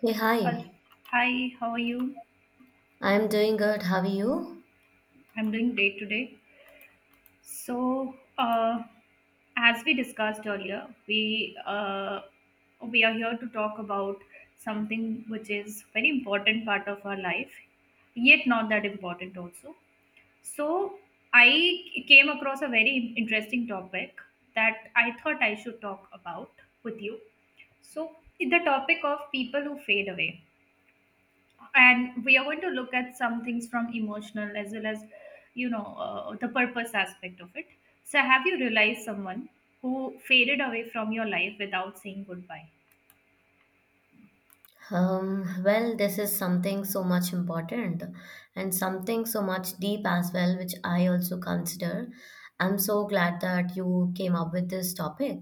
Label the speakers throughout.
Speaker 1: Hey,
Speaker 2: Uh,
Speaker 1: hi.
Speaker 2: Hi, how are you?
Speaker 1: I'm doing good. How are you?
Speaker 2: I'm doing great today. So, as we discussed earlier, we are here to talk about something which is very important part of our life, yet not that important also. So, I came across a very interesting topic that I thought I should talk about with you. So, the topic of people who fade away. And we are going to look at some things from emotional as well as the purpose aspect of it. So have you realized someone who faded away from your life without saying goodbye?
Speaker 1: Well, this is something so much important and something so much deep as well, which I also consider. I'm so glad that you came up with this topic.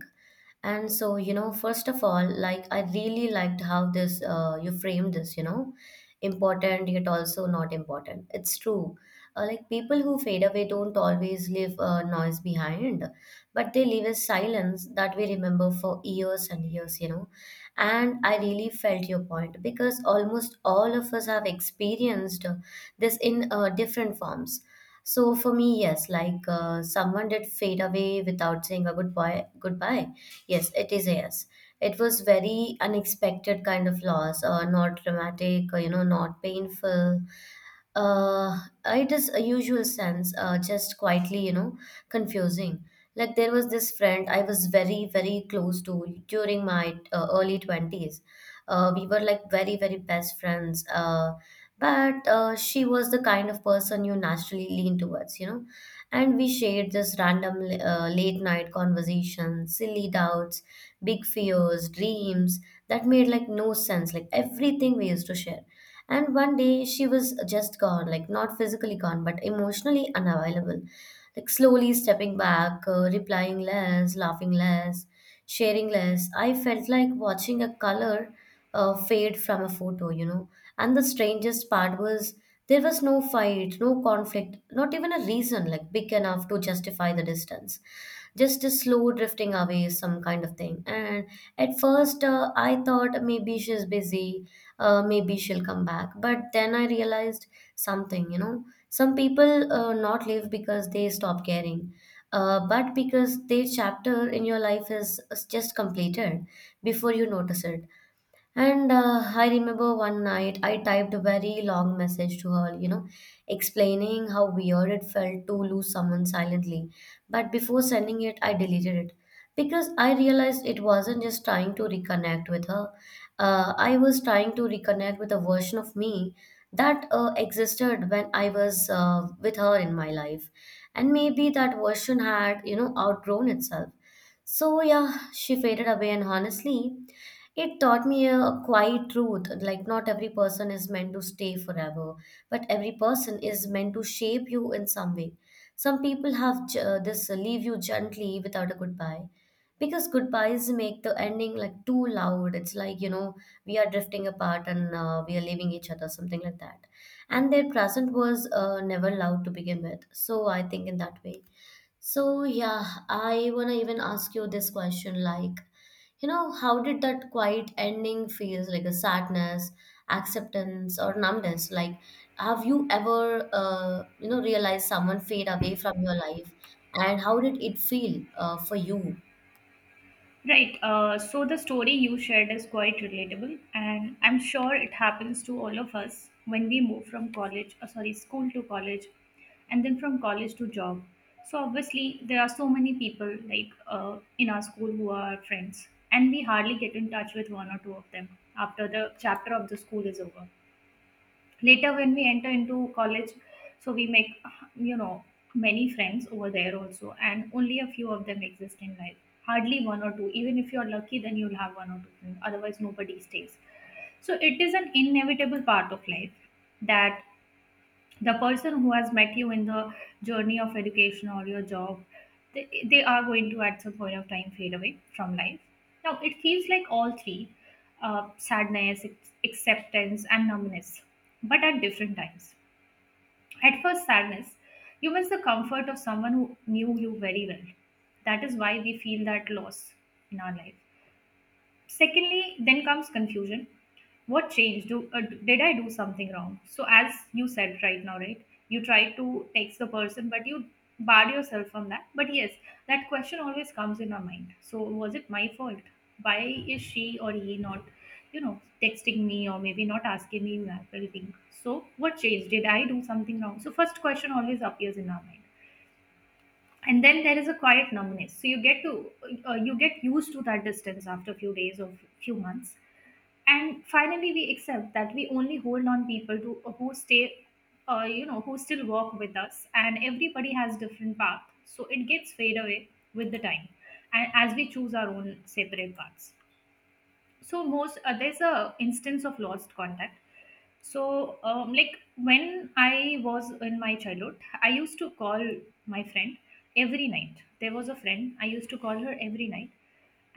Speaker 1: And so, you know, first of all, like I really liked how this you framed this, you know, important yet also not important. It's true. Like people who fade away don't always leave noise behind, but they leave a silence that we remember for years and years, you know, and I really felt your point because almost all of us have experienced this in different forms. So for me, yes, like someone did fade away without saying a goodbye. Goodbye. Yes, it is a yes. It was very unexpected kind of loss, not dramatic, you know, not painful, uh, it is a usual sense, just quietly, you know, confusing. Like there was this friend I was very, very close to during my early 20s. We were like very, very best friends. But she was the kind of person you naturally lean towards, you know. And we shared this random late night conversations, silly doubts, big fears, dreams that made like no sense, like everything we used to share, and one day she was just gone, like not physically gone, but emotionally unavailable, like slowly stepping back, replying less, laughing less, sharing less. I felt like watching a color fade from a photo, you know. And the strangest part was there was no fight, no conflict, not even a reason like big enough to justify the distance, just a slow drifting away, some kind of thing. And at first I thought maybe she's busy, maybe she'll come back. But then I realized something, you know, some people not live because they stop caring, but because their chapter in your life is just completed before you notice it. And I remember one night I typed a very long message to her, you know, explaining how weird it felt to lose someone silently. But before sending it, I deleted it because I realized it wasn't just trying to reconnect with her. I was trying to reconnect with a version of me that existed when I was with her in my life. And maybe that version had, you know, outgrown itself. So, yeah, she faded away, and honestly, it taught me a quiet truth like, not every person is meant to stay forever, but every person is meant to shape you in some way. Some people have j- this leave you gently without a goodbye because goodbyes make the ending like too loud. It's like, you know, we are drifting apart and we are leaving each other, something like that. And their present was never loud to begin with. So I think in that way. So yeah, I wanna even ask you this question like, you know, how did that quiet ending feels like, a sadness, acceptance, or numbness? Like, have you ever, you know, realized someone fade away from your life, and how did it feel for you?
Speaker 2: Right. So the story you shared is quite relatable, and I'm sure it happens to all of us when we move from college, sorry, school to college, and then from college to job. So obviously, there are so many people like in our school who are our friends, and we hardly get in touch with one or two of them after the chapter of the school is over. Later when we enter into college, so we make, you know, many friends over there also, and only a few of them exist in life. Hardly one or two. Even if you're lucky, then you'll have one or two friends, otherwise nobody stays. So it is an inevitable part of life that the person who has met you in the journey of education or your job, they are going to at some point of time fade away from life. Now it feels like all three: sadness, acceptance, and numbness, but at different times. At first, sadness. You miss the comfort of someone who knew you very well. That is why we feel that loss in our life. Secondly, then comes confusion. What changed? Do uh, did I do something wrong? So as you said right now, right, you try to text the person, but you barred yourself from that. But yes, that question always comes in our mind. So was it my fault? Why is she or he not, you know, texting me or maybe not asking me that very thing? So what changed? Did I do something wrong? So first question always appears in our mind. And then there is a quiet numbness. So you get used to that distance after a few days or few months. And finally we accept that we only hold on people to who stay, you know, who still walk with us. And everybody has different path, so it gets fade away with the time, and as we choose our own separate paths. So most uh, there's a instance of lost contact. So like when I was in my childhood, I used to call my friend every night. There was a friend I used to call her every night.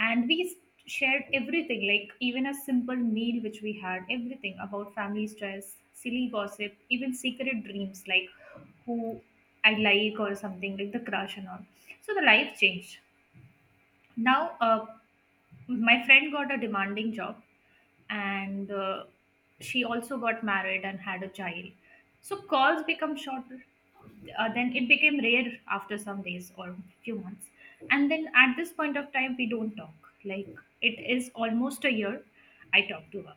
Speaker 2: And we shared everything, like even a simple meal which we had, everything about family stress, silly gossip, even secret dreams, like who I like or something like the crush and all. So the life changed. Now my friend got a demanding job, and she also got married and had a child. So calls become shorter. Then it became rare after some days or few months. And then at this point of time we don't talk. Like, it is almost a year I talk to her.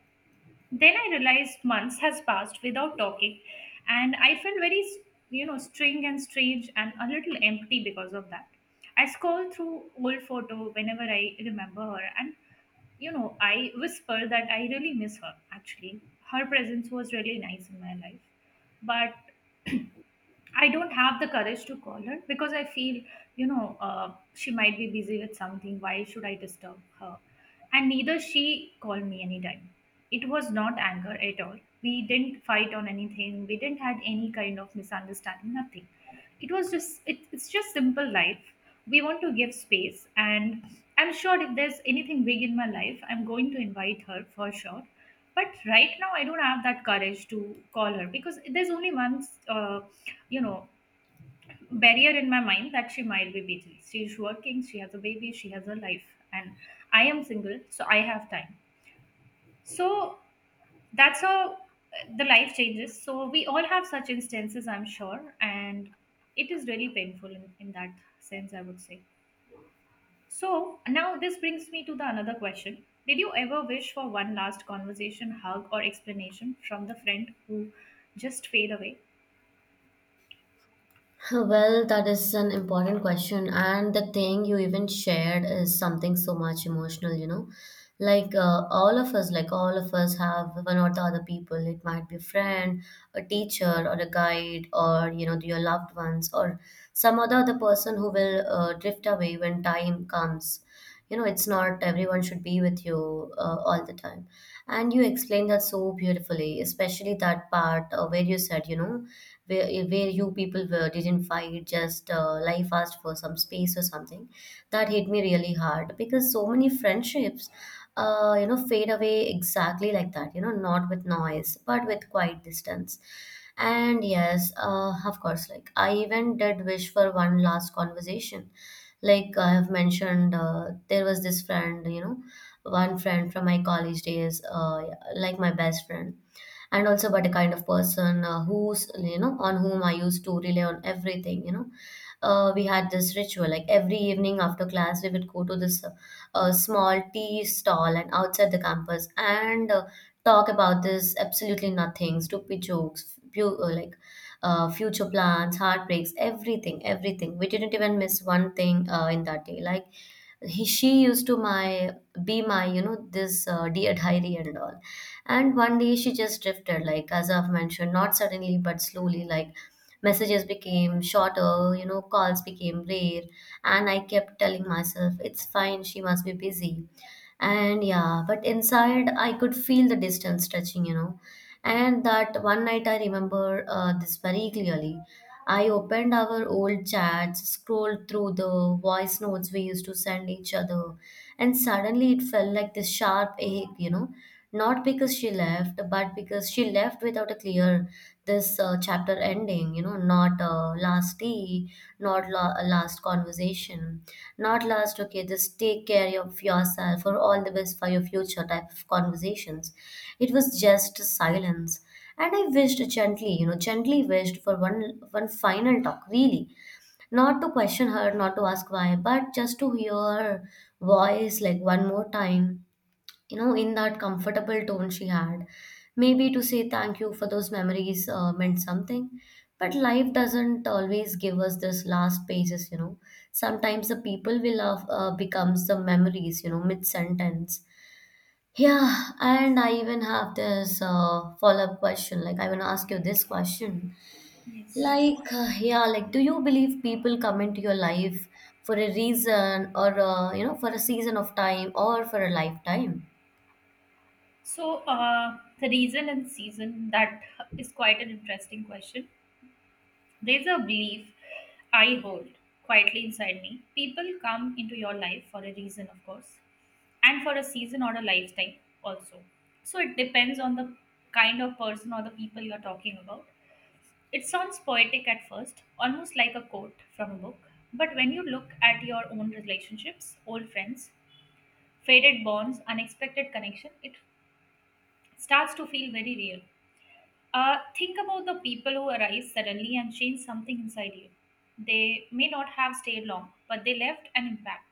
Speaker 2: Then I realized months has passed without talking, and I felt very, you know, strange and a little empty because of that. I scroll through old photo whenever I remember her, and you know, I whisper that I really miss her. Actually, her presence was really nice in my life, but I don't have the courage to call her because I feel, she might be busy with something. Why should I disturb her? And neither she called me anytime. It was not anger at all. We didn't fight on anything. We didn't had any kind of misunderstanding. Nothing. It was just it's just simple life. We want to give space, and I'm sure if there's anything big in my life, I'm going to invite her for sure. But right now, I don't have that courage to call her because there's only one you know barrier in my mind, that she might be busy, she's working, she has a baby, she has a life, and I am single, so I have time. So that's how the life changes. So we all have such instances, I'm sure, and it is really painful in that sense, I would say. So now this brings me to the another question: did you ever wish for one last conversation, hug, or explanation from the friend who just fade away?
Speaker 1: Well, that is an important question. And the thing you even shared is something so much emotional, you know. Like all of us, like all of us have one or the other people. It might be a friend, a teacher, or a guide, or you know, your loved ones, or some other person who will drift away when time comes. You know, it's not everyone should be with you all the time. And you explained that so beautifully, especially that part where you said, you know, where you people were, didn't fight, just life asked for some space or something. That hit me really hard because so many friendships you know fade away exactly like that, you know, not with noise but with quiet distance. And yes, of course, like I even did wish for one last conversation. Like I have mentioned, there was this friend, you know, one friend from my college days, like my best friend, and also about a kind of person who's you know on whom I used to rely on everything. You know, we had this ritual like every evening after class we would go to this small tea stall and outside the campus and talk about this absolutely nothing, stupid jokes, like future plans, heartbreaks, everything, everything. We didn't even miss one thing in that day. Like he, she used to my be my, you know, this dear diary and all. And one day she just drifted, like as I've mentioned, not suddenly but slowly, like messages became shorter, you know, calls became rare. And I kept telling myself, it's fine, she must be busy. And yeah, but inside I could feel the distance stretching, you know. And that one night I remember this very clearly. I opened our old chats, scrolled through the voice notes we used to send each other, and suddenly it felt like this sharp ache, you know. Not because she left, but because she left without a clear this chapter ending, you know, not last tea, not last conversation, not last, okay, just take care of yourself or all the best for your future type of conversations. It was just silence. And I wished gently, you know, gently wished for one final talk, really. Not to question her, not to ask why, but just to hear her voice like one more time, you know, in that comfortable tone she had. Maybe to say thank you for those memories meant something. But life doesn't always give us this last pages, you know. Sometimes the people we love becomes the memories, you know, mid sentence. Yeah, and I even have this follow up question. Like, I want to ask you this question.
Speaker 2: Yes.
Speaker 1: Like, yeah, like, do you believe people come into your life for a reason or, you know, for a season of time or for a lifetime?
Speaker 2: So, the reason and season, that is quite an interesting question. There's a belief I hold quietly inside me. People come into your life for a reason, of course, and for a season or a lifetime also. So, it depends on the kind of person or the people you're talking about. It sounds poetic at first, almost like a quote from a book. But when you look at your own relationships, old friends, faded bonds, unexpected connection, it starts to feel very real. Think about the people who arise suddenly and change something inside you. They may not have stayed long, but they left an impact.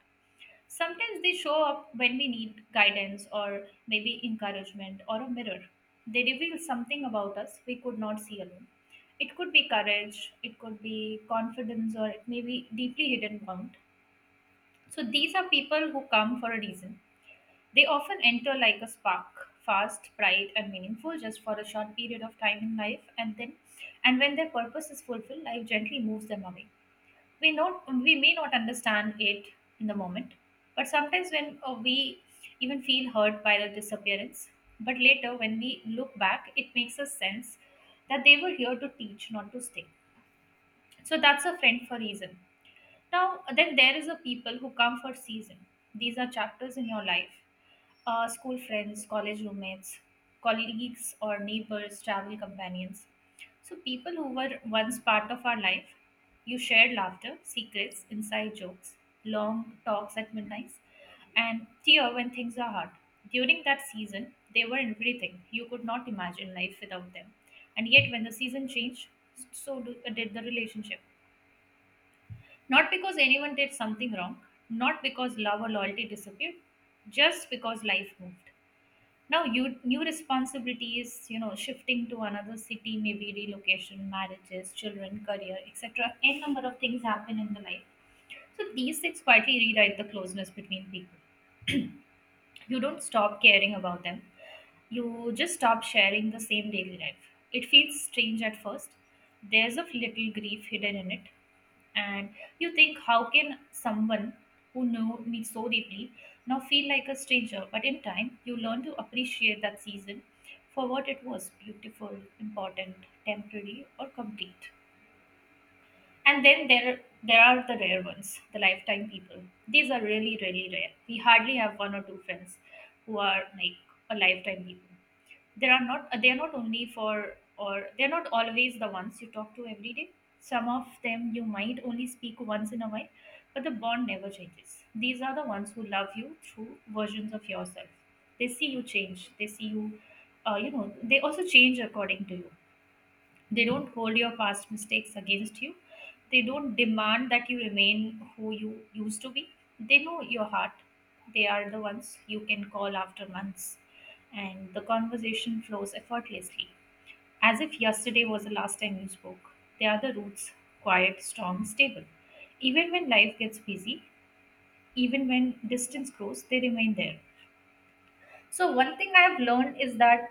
Speaker 2: Sometimes they show up when we need guidance or maybe encouragement or a mirror. They reveal something about us we could not see alone. It could be courage, it could be confidence, or it may be deeply hidden wound. So these are people who come for a reason. They often enter like a spark, fast, bright, and meaningful just for a short period of time in life, and when their purpose is fulfilled, life gently moves them away. We may not understand it in the moment, but sometimes when we even feel hurt by the disappearance, but later when we look back, it makes us sense that they were here to teach, not to stay. So that's a friend for reason. Now, then there is a people who come for season. These are chapters in your life. School friends, college roommates, colleagues or neighbors, travel companions. So people who were once part of our life. You shared laughter, secrets, inside jokes, long talks at midnight, and tear when things are hard. During that season, they were everything. You could not imagine life without them. And yet, when the season changed, so did the relationship. Not because anyone did something wrong, not because love or loyalty disappeared, just because life moved. Now you new responsibility is, you know, shifting to another city, maybe relocation, marriages, children, career, etc. N number of things happen in the life. So these things quietly rewrite the closeness between people. You don't stop caring about them, you just stop sharing the same daily life. It feels strange at first. There's a little grief hidden in it. And you think, how can someone who knew me so deeply now feel like a stranger? But in time you learn to appreciate that season for what it was: beautiful, important, temporary, or complete. And then there are the rare ones, the lifetime people. These are really, really rare. We hardly have one or two friends who are like a lifetime people. There are not they are not only for or they're not always the ones you talk to every day. Some of them you might only speak once in a while, but the bond never changes. These are the ones who love you through versions of yourself. They see you change. They see you, they also change according to you. They don't hold your past mistakes against you. They don't demand that you remain who you used to be. They know your heart. They are the ones you can call after months. And the conversation flows effortlessly, as if yesterday was the last time you spoke. They are the roots: quiet, strong, stable. Even when life gets busy, even when distance grows, they remain there. So, one thing I've learned is that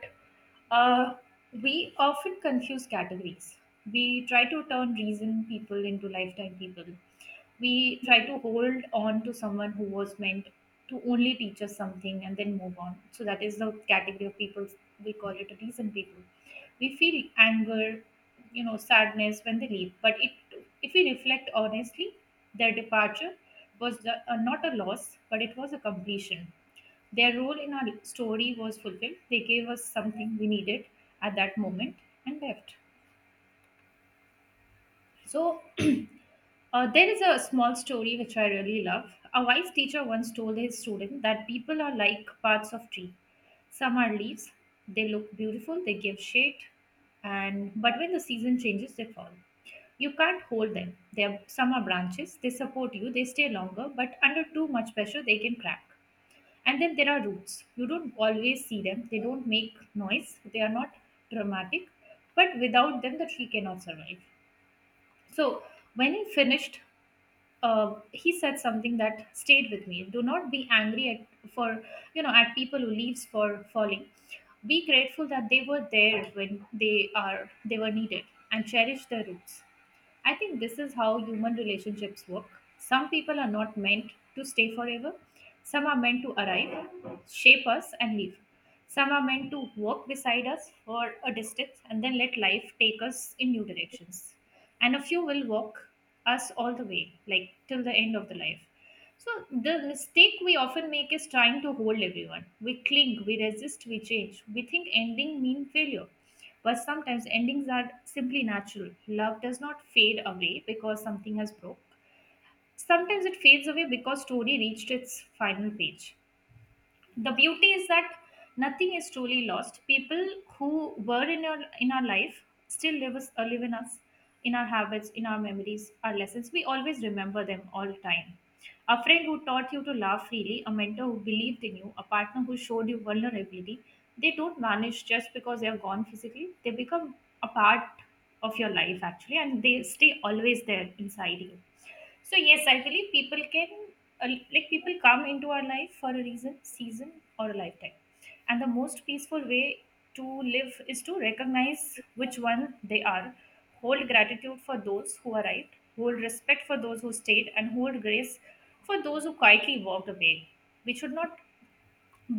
Speaker 2: uh, we often confuse categories. We try to turn reason people into lifetime people. We try to hold on to someone who was meant to only teach us something and then move on. So, that is the category of people. We call it a reason people. We feel anger, you know, sadness when they leave. But if we reflect honestly, their departure was not a loss, but it was a completion. Their role in our story was fulfilled. They gave us something we needed at that moment and left. So, there is a small story which I really love. A wise teacher once told his student that people are like parts of tree. Some are leaves. They look beautiful. They give shade, and but when the season changes, they fall. You can't hold them. Some are branches. They support you. They stay longer, but under too much pressure, they can crack. And then there are roots. You don't always see them. They don't make noise. They are not dramatic. But without them, the tree cannot survive. So when he finished, he said something that stayed with me. Do not be angry at for at people who leaves for falling. Be grateful that they were there when they were needed, and cherish their roots. I think this is how human relationships work. Some people are not meant to stay forever. Some are meant to arrive, shape us, and leave. Some are meant to walk beside us for a distance and then let life take us in new directions. And a few will walk us all the way, like till the end of the life. So, the mistake we often make is trying to hold everyone. We cling, we resist, we change. We think ending means failure. But sometimes endings are simply natural. Love does not fade away because something has broke. Sometimes it fades away because story reached its final page. The beauty is that nothing is truly lost. People who were in our life still live in us, in our habits, in our memories, our lessons. We always remember them all the time. A friend who taught you to laugh freely, a mentor who believed in you, a partner who showed you vulnerability, they don't vanish just because they are gone physically. They become a part of your life actually, and they stay always there inside you. So yes, I believe people can people come into our life for a reason, season, or a lifetime. And the most peaceful way to live is to recognize which one they are, hold gratitude for those who arrived, hold respect for those who stayed, and hold grace for those who quietly walked away. We should not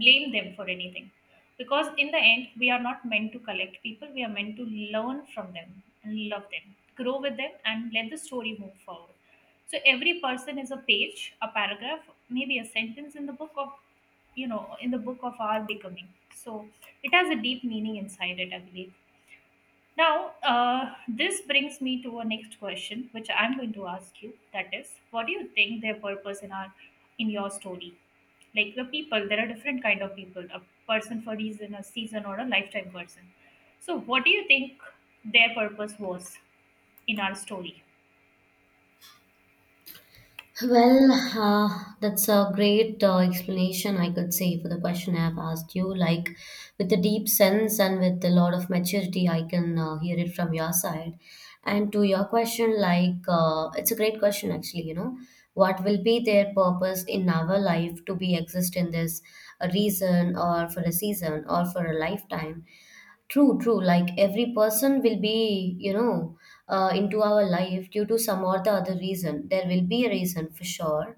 Speaker 2: blame them for anything, because in the end we are not meant to collect people. We are meant to learn from them and love them, grow with them, and let the story move forward. So every person is a page, a paragraph, maybe a sentence in the book of in the book of our becoming. So it has a deep meaning inside it, I believe. Now, this brings me to a next question, which I'm going to ask you. That is, what do you think their purpose in our in your story? Like the people, there are different kind of people: a person for reason, a season, or a lifetime person. So, what do you think their purpose was in our story?
Speaker 1: Well, that's a great explanation, I could say, for the question I've asked you. Like, with a deep sense and with a lot of maturity, I can hear it from your side. And to your question, like, it's a great question, actually, you know, what will be their purpose in our life to be exist in this, a reason or for a season or for a lifetime? True, true. Like every person will be, you know, into our life due to some or the other reason. There will be a reason for sure.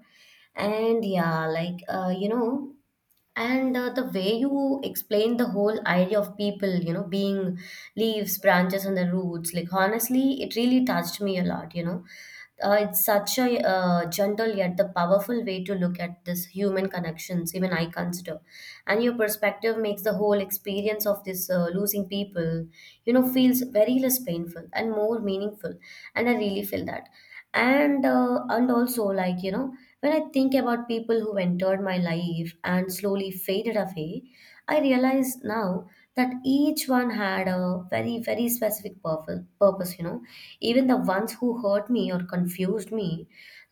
Speaker 1: And yeah, like, you know, and the way you explain the whole idea of people you know being leaves, branches, and the roots, like honestly it really touched me a lot, you know. It's such a gentle yet the powerful way to look at this human connections, even I consider. And your perspective makes the whole experience of this losing people, you know, feels very less painful and more meaningful, and I really feel that. And and also like, you know, when I think about people who entered my life and slowly faded away, I realize now that each one had a very, very specific purpose, you know, even the ones who hurt me or confused me.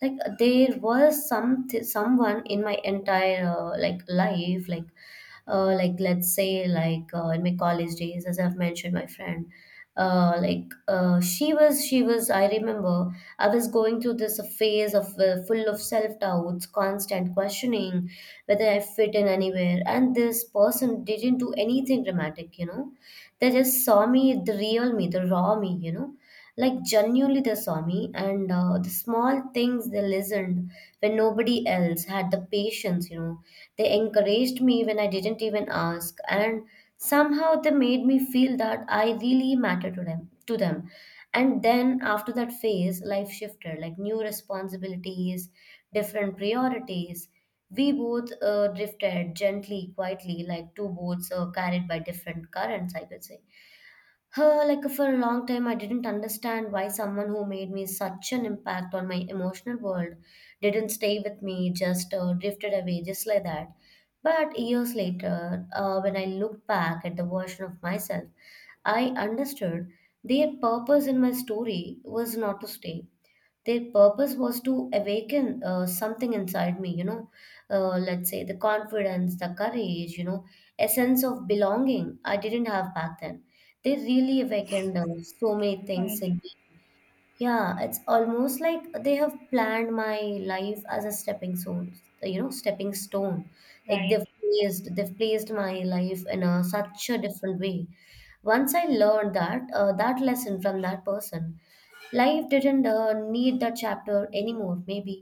Speaker 1: Like there was someone in my entire like life, like let's say like in my college days, as I've mentioned, my friend, she was I remember I was going through this phase of full of self doubts, constant questioning whether I fit in anywhere. And this person didn't do anything dramatic, you know, they just saw me, the real me, the raw me, you know, like genuinely they saw me. And the small things, they listened when nobody else had the patience, you know, they encouraged me when I didn't even ask, and somehow they made me feel that I really matter to them. And then after that phase, life shifted, like new responsibilities, different priorities. We both drifted gently, quietly, like two boats carried by different currents, I could say. Her, like for a long time, I didn't understand why someone who made me such an impact on my emotional world didn't stay with me, just drifted away, just like that. But years later, when I looked back at the version of myself, I understood their purpose in my story was not to stay. Their purpose was to awaken something inside me, let's say the confidence, the courage, you know, a sense of belonging I didn't have back then. They really awakened so many things
Speaker 2: Right,
Speaker 1: in me. Yeah, it's almost like they have planned my life as a stepping stone, you know, stepping stone. Like
Speaker 2: right,
Speaker 1: they've placed my life in a, such a different way. Once I learned that, that lesson from that person, life didn't need that chapter anymore maybe.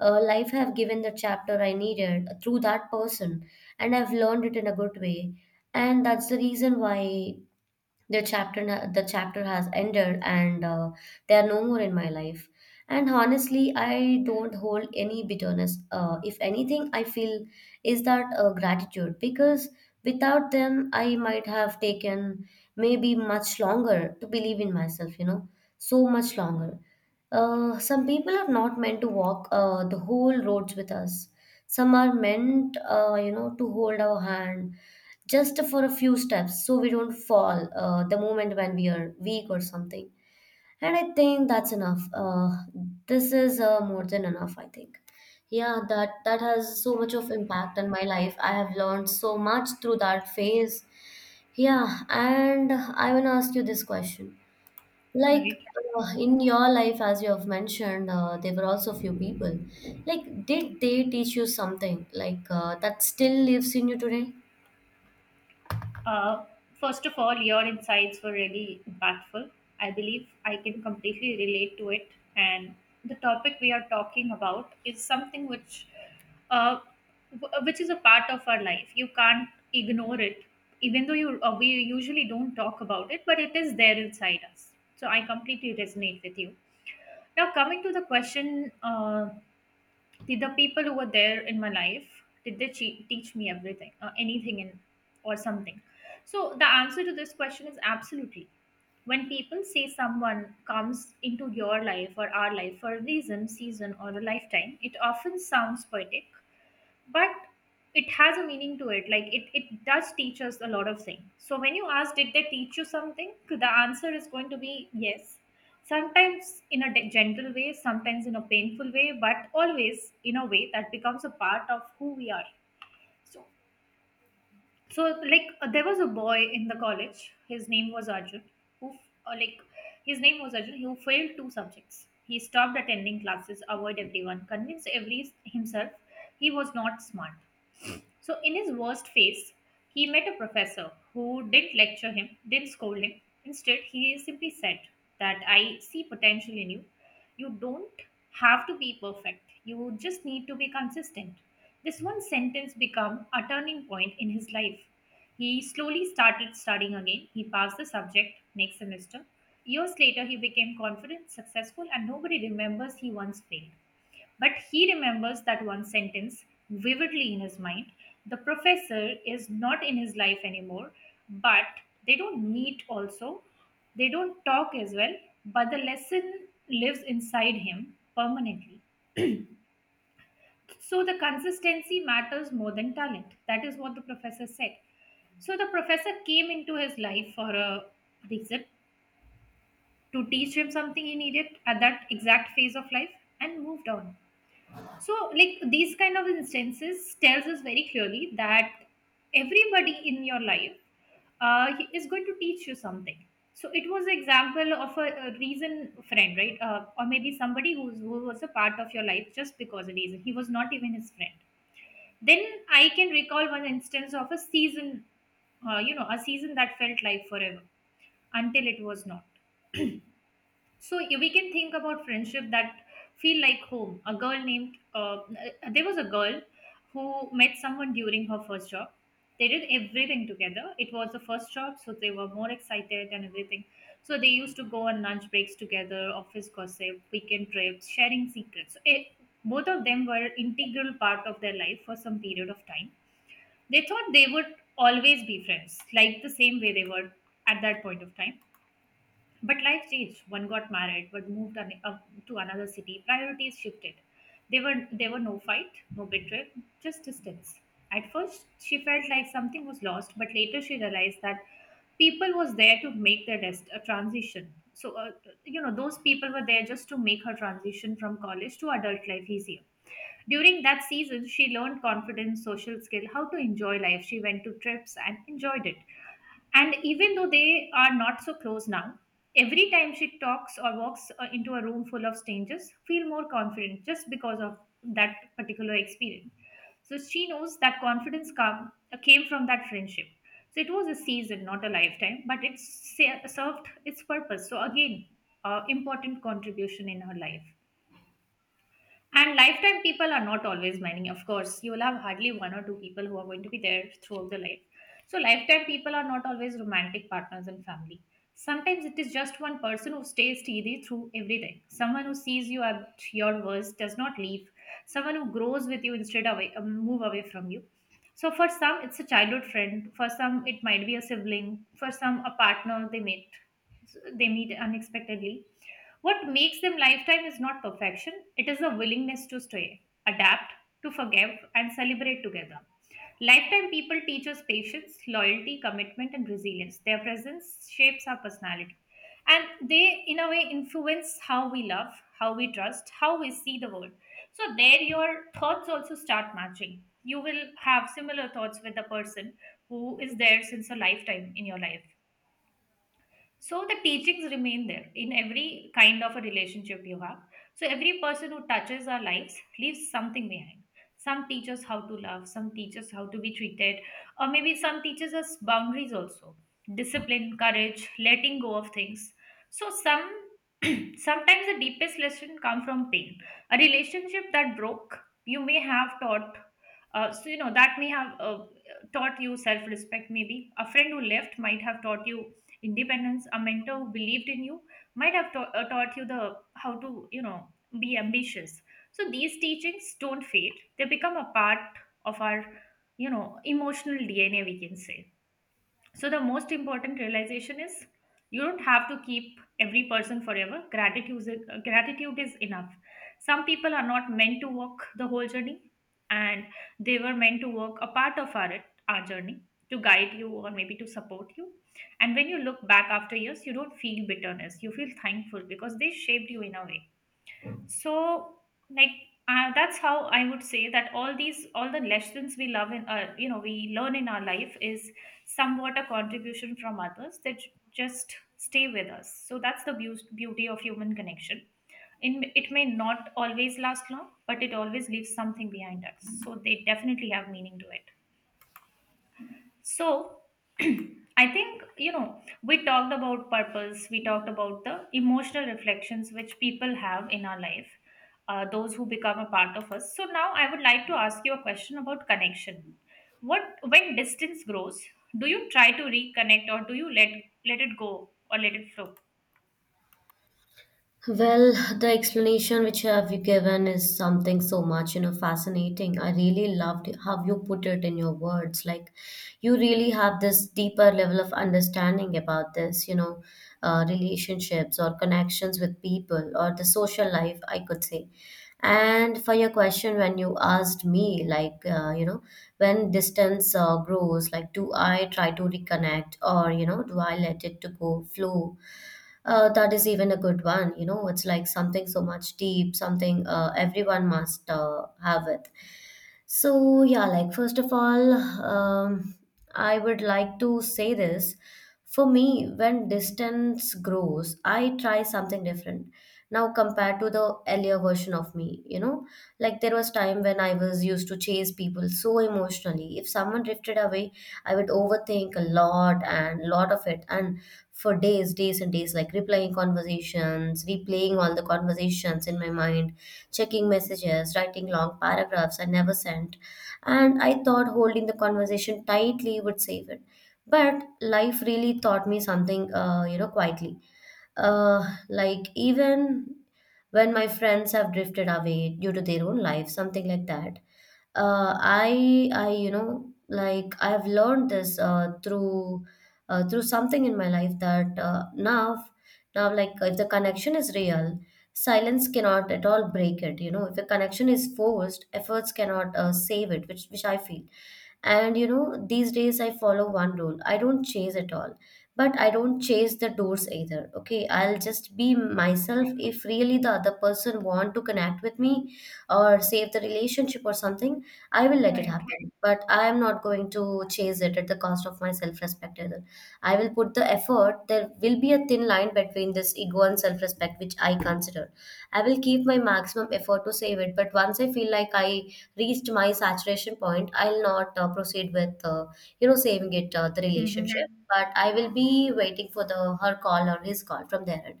Speaker 1: Life have given the chapter I needed through that person, and I've learned it in a good way, and that's the reason why the the chapter has ended and they are no more in my life. And honestly, I don't hold any bitterness. If anything I feel is that gratitude, because without them I might have taken maybe much longer to believe in myself, you know, so much longer. Some people are not meant to walk the whole roads with us. Some are meant you know, to hold our hand just for a few steps so we don't fall the moment when we are weak or something. And I think that's enough. This is more than enough, I think. Yeah, that has so much of impact on my life. I have learned so much through that phase. Yeah, and I want to ask you this question. Like
Speaker 2: right.
Speaker 1: in your life, as you have mentioned, there were also few people. Like, did they teach you something like that still lives in you today?
Speaker 2: Uh, First of all, your insights were really impactful. I believe I can completely relate to it. And the topic we are talking about is something which, uh, which is a part of our life. You can't ignore it, even though you we usually don't talk about it, but it is there inside us. So I completely resonate with you. Now, coming to the question. Did the people who were there in my life, did they teach me everything, anything, in, or something? So the answer to this question is absolutely. When people say someone comes into your life or our life for a reason, season, or a lifetime, it often sounds poetic, but it has a meaning to it. Like it does teach us a lot of things. So when you ask did they teach you something, the answer is going to be yes. Sometimes in a gentle way, sometimes in a painful way, but always in a way that becomes a part of who we are. so so like there was a boy in the college, his name was Arjun, who like his name was arjun who failed two subjects. He stopped attending classes, avoid everyone, convinced every himself he was not smart. So, in his worst phase, he met a professor who didn't lecture him, didn't scold him. Instead, he simply said that I see potential in you. You don't have to be perfect, you just need to be consistent. This one sentence became a turning point in his life. He slowly started studying again. He passed the subject next semester. Years later, he became confident, successful, and nobody remembers he once failed. But he remembers that one sentence vividly in his mind. The professor is not in his life anymore, but they don't meet also. They don't talk as well, but the lesson lives inside him permanently. So the consistency matters more than talent. That is what the professor said. So the professor came into his life for a reason, to teach him something he needed at that exact phase of life, and moved on. So like these kind of instances tells us very clearly that everybody in your life, he is going to teach you something. So it was an example of a reason friend, right? Uh, or maybe somebody who was a part of your life just because a reason, he was not even his friend. Then I can recall one instance of a season, a season that felt like forever until it was not. So we can think about friendship that feel like home. A girl named There was a girl who met someone during her first job. They did everything together. It was the first job, so they were more excited and everything. So they used to go on lunch breaks together, office gossip, weekend trips, sharing secrets. So, it, both of them were integral part of their life for some period of time. They thought they would always be friends, like the same way they were at that point of time, but life changed. One got married, but up to another city. Priorities shifted. There were no fight, no betrayal, just distance. At first, she felt like something was lost, but later she realized that people was there to make their rest, a transition. So, those people were there just to make her transition from college to adult life easier. During that season, she learned confidence, social skill, how to enjoy life. She went to trips and enjoyed it. And even though they are not so close now, every time she talks or walks into a room full of strangers, feel more confident just because of that particular experience. So she knows that confidence came from that friendship. So it was a season, not a lifetime, but it served its purpose. So again, important contribution in her life. And lifetime people are not always many, of course. You will have hardly one or two people who are going to be there throughout the life. So, lifetime people are not always romantic partners and family. Sometimes it is just one person who stays steady through everything. Someone who sees you at your worst does not leave. Someone who grows with you instead of move away from you. So for some, it's a childhood friend. For some, it might be a sibling. For some, a partner they meet unexpectedly. What makes them lifetime is not perfection, it is a willingness to stay, adapt, to forgive, and celebrate together. Lifetime people teach us patience, loyalty, commitment, and resilience. Their presence shapes our personality. And they, in a way, influence how we love, how we trust, how we see the world. So, there your thoughts also start matching. You will have similar thoughts with the person who is there since a lifetime in your life. So the teachings remain there in every kind of a relationship you have. So every person who touches our lives leaves something behind. Some teach us how to love, some teach us how to be treated, or maybe some teaches us boundaries also, discipline, courage, letting go of things. So some sometimes the deepest lesson come from pain. A relationship that broke, you may have taught. That may have taught you self-respect. Maybe a friend who left might have taught you independence. A mentor who believed in you might have taught you the how to be ambitious. So these teachings don't fade, they become a part of our emotional DNA, we can say. So, the most important realization is you don't have to keep every person forever. Gratitude is enough. Some people are not meant to walk the whole journey, and they were meant to walk a part of our journey, to guide you or maybe to support you. And when you look back after years, you don't feel bitterness, you feel thankful because they shaped you in a way. So like that's how I would say that all the lessons we love in you know we learn in our life is somewhat a contribution from others that just stay with us. So that's the beauty of human connection. In, it may not always last long, but it always leaves something behind us, so they definitely have meaning to it. So, I think, you know, we talked about purpose, we talked about the emotional reflections which people have in our life, those who become a part of us. So, now I would like to ask you a question about connection. What, when distance grows, do you try to reconnect, or do you let it go or let it flow?
Speaker 1: Well, the explanation which have you given is something so much, you know, fascinating. I really loved how you put it in your words. Like, you really have this deeper level of understanding about this, you know, relationships or connections with people or the social life, I could say. And for your question, when you asked me, like, you know, when distance grows, like, do I try to reconnect, or, you know, do I let it to go flow? That is even a good one. You know, it's like something so much deep, something everyone must have it. So, yeah, like first of all, I would like to say this. For me, when distance grows, I try something different. Now, compared to the earlier version of me, you know, like there was time when I was used to chase people so emotionally. If someone drifted away, I would overthink a lot and lot of it, and for days, days and days, like replying conversations, replaying all the conversations in my mind, checking messages, writing long paragraphs I never sent, and I thought holding the conversation tightly would save it. But life really taught me something, you know, quietly. Like, even when my friends have drifted away due to their own life, something like that. You know, like, I have learned this through through something in my life that now, like, if the connection is real, silence cannot at all break it. You know, if a connection is forced, efforts cannot save it, which I feel. And you know, these days I follow one rule: I don't chase at all, but I don't chase the doors either. Okay, I'll just be myself. If really the other person want to connect with me or save the relationship or something, I will let it
Speaker 2: Right.
Speaker 1: happen. But I am not going to chase it at the cost of my self-respect either. I will put the effort. There will be a thin line between this ego and self respect, which I consider. I will keep my maximum effort to save it, but once I feel like I reached my saturation point, I'll not proceed with, you know, saving it, the relationship.
Speaker 2: Mm-hmm.
Speaker 1: But I will be waiting for the her call or his call from their end.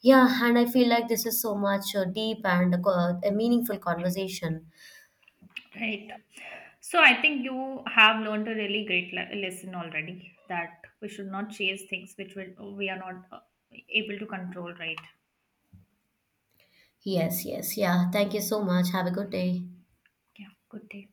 Speaker 1: Yeah, and I feel like this is so much deep and a meaningful conversation.
Speaker 2: Right. So I think you have learned a really great lesson already, that we should not chase things which will, we are not able to control, right?
Speaker 1: Yes, yes, yeah. Thank you so much. Have a good day.
Speaker 2: Yeah, good day.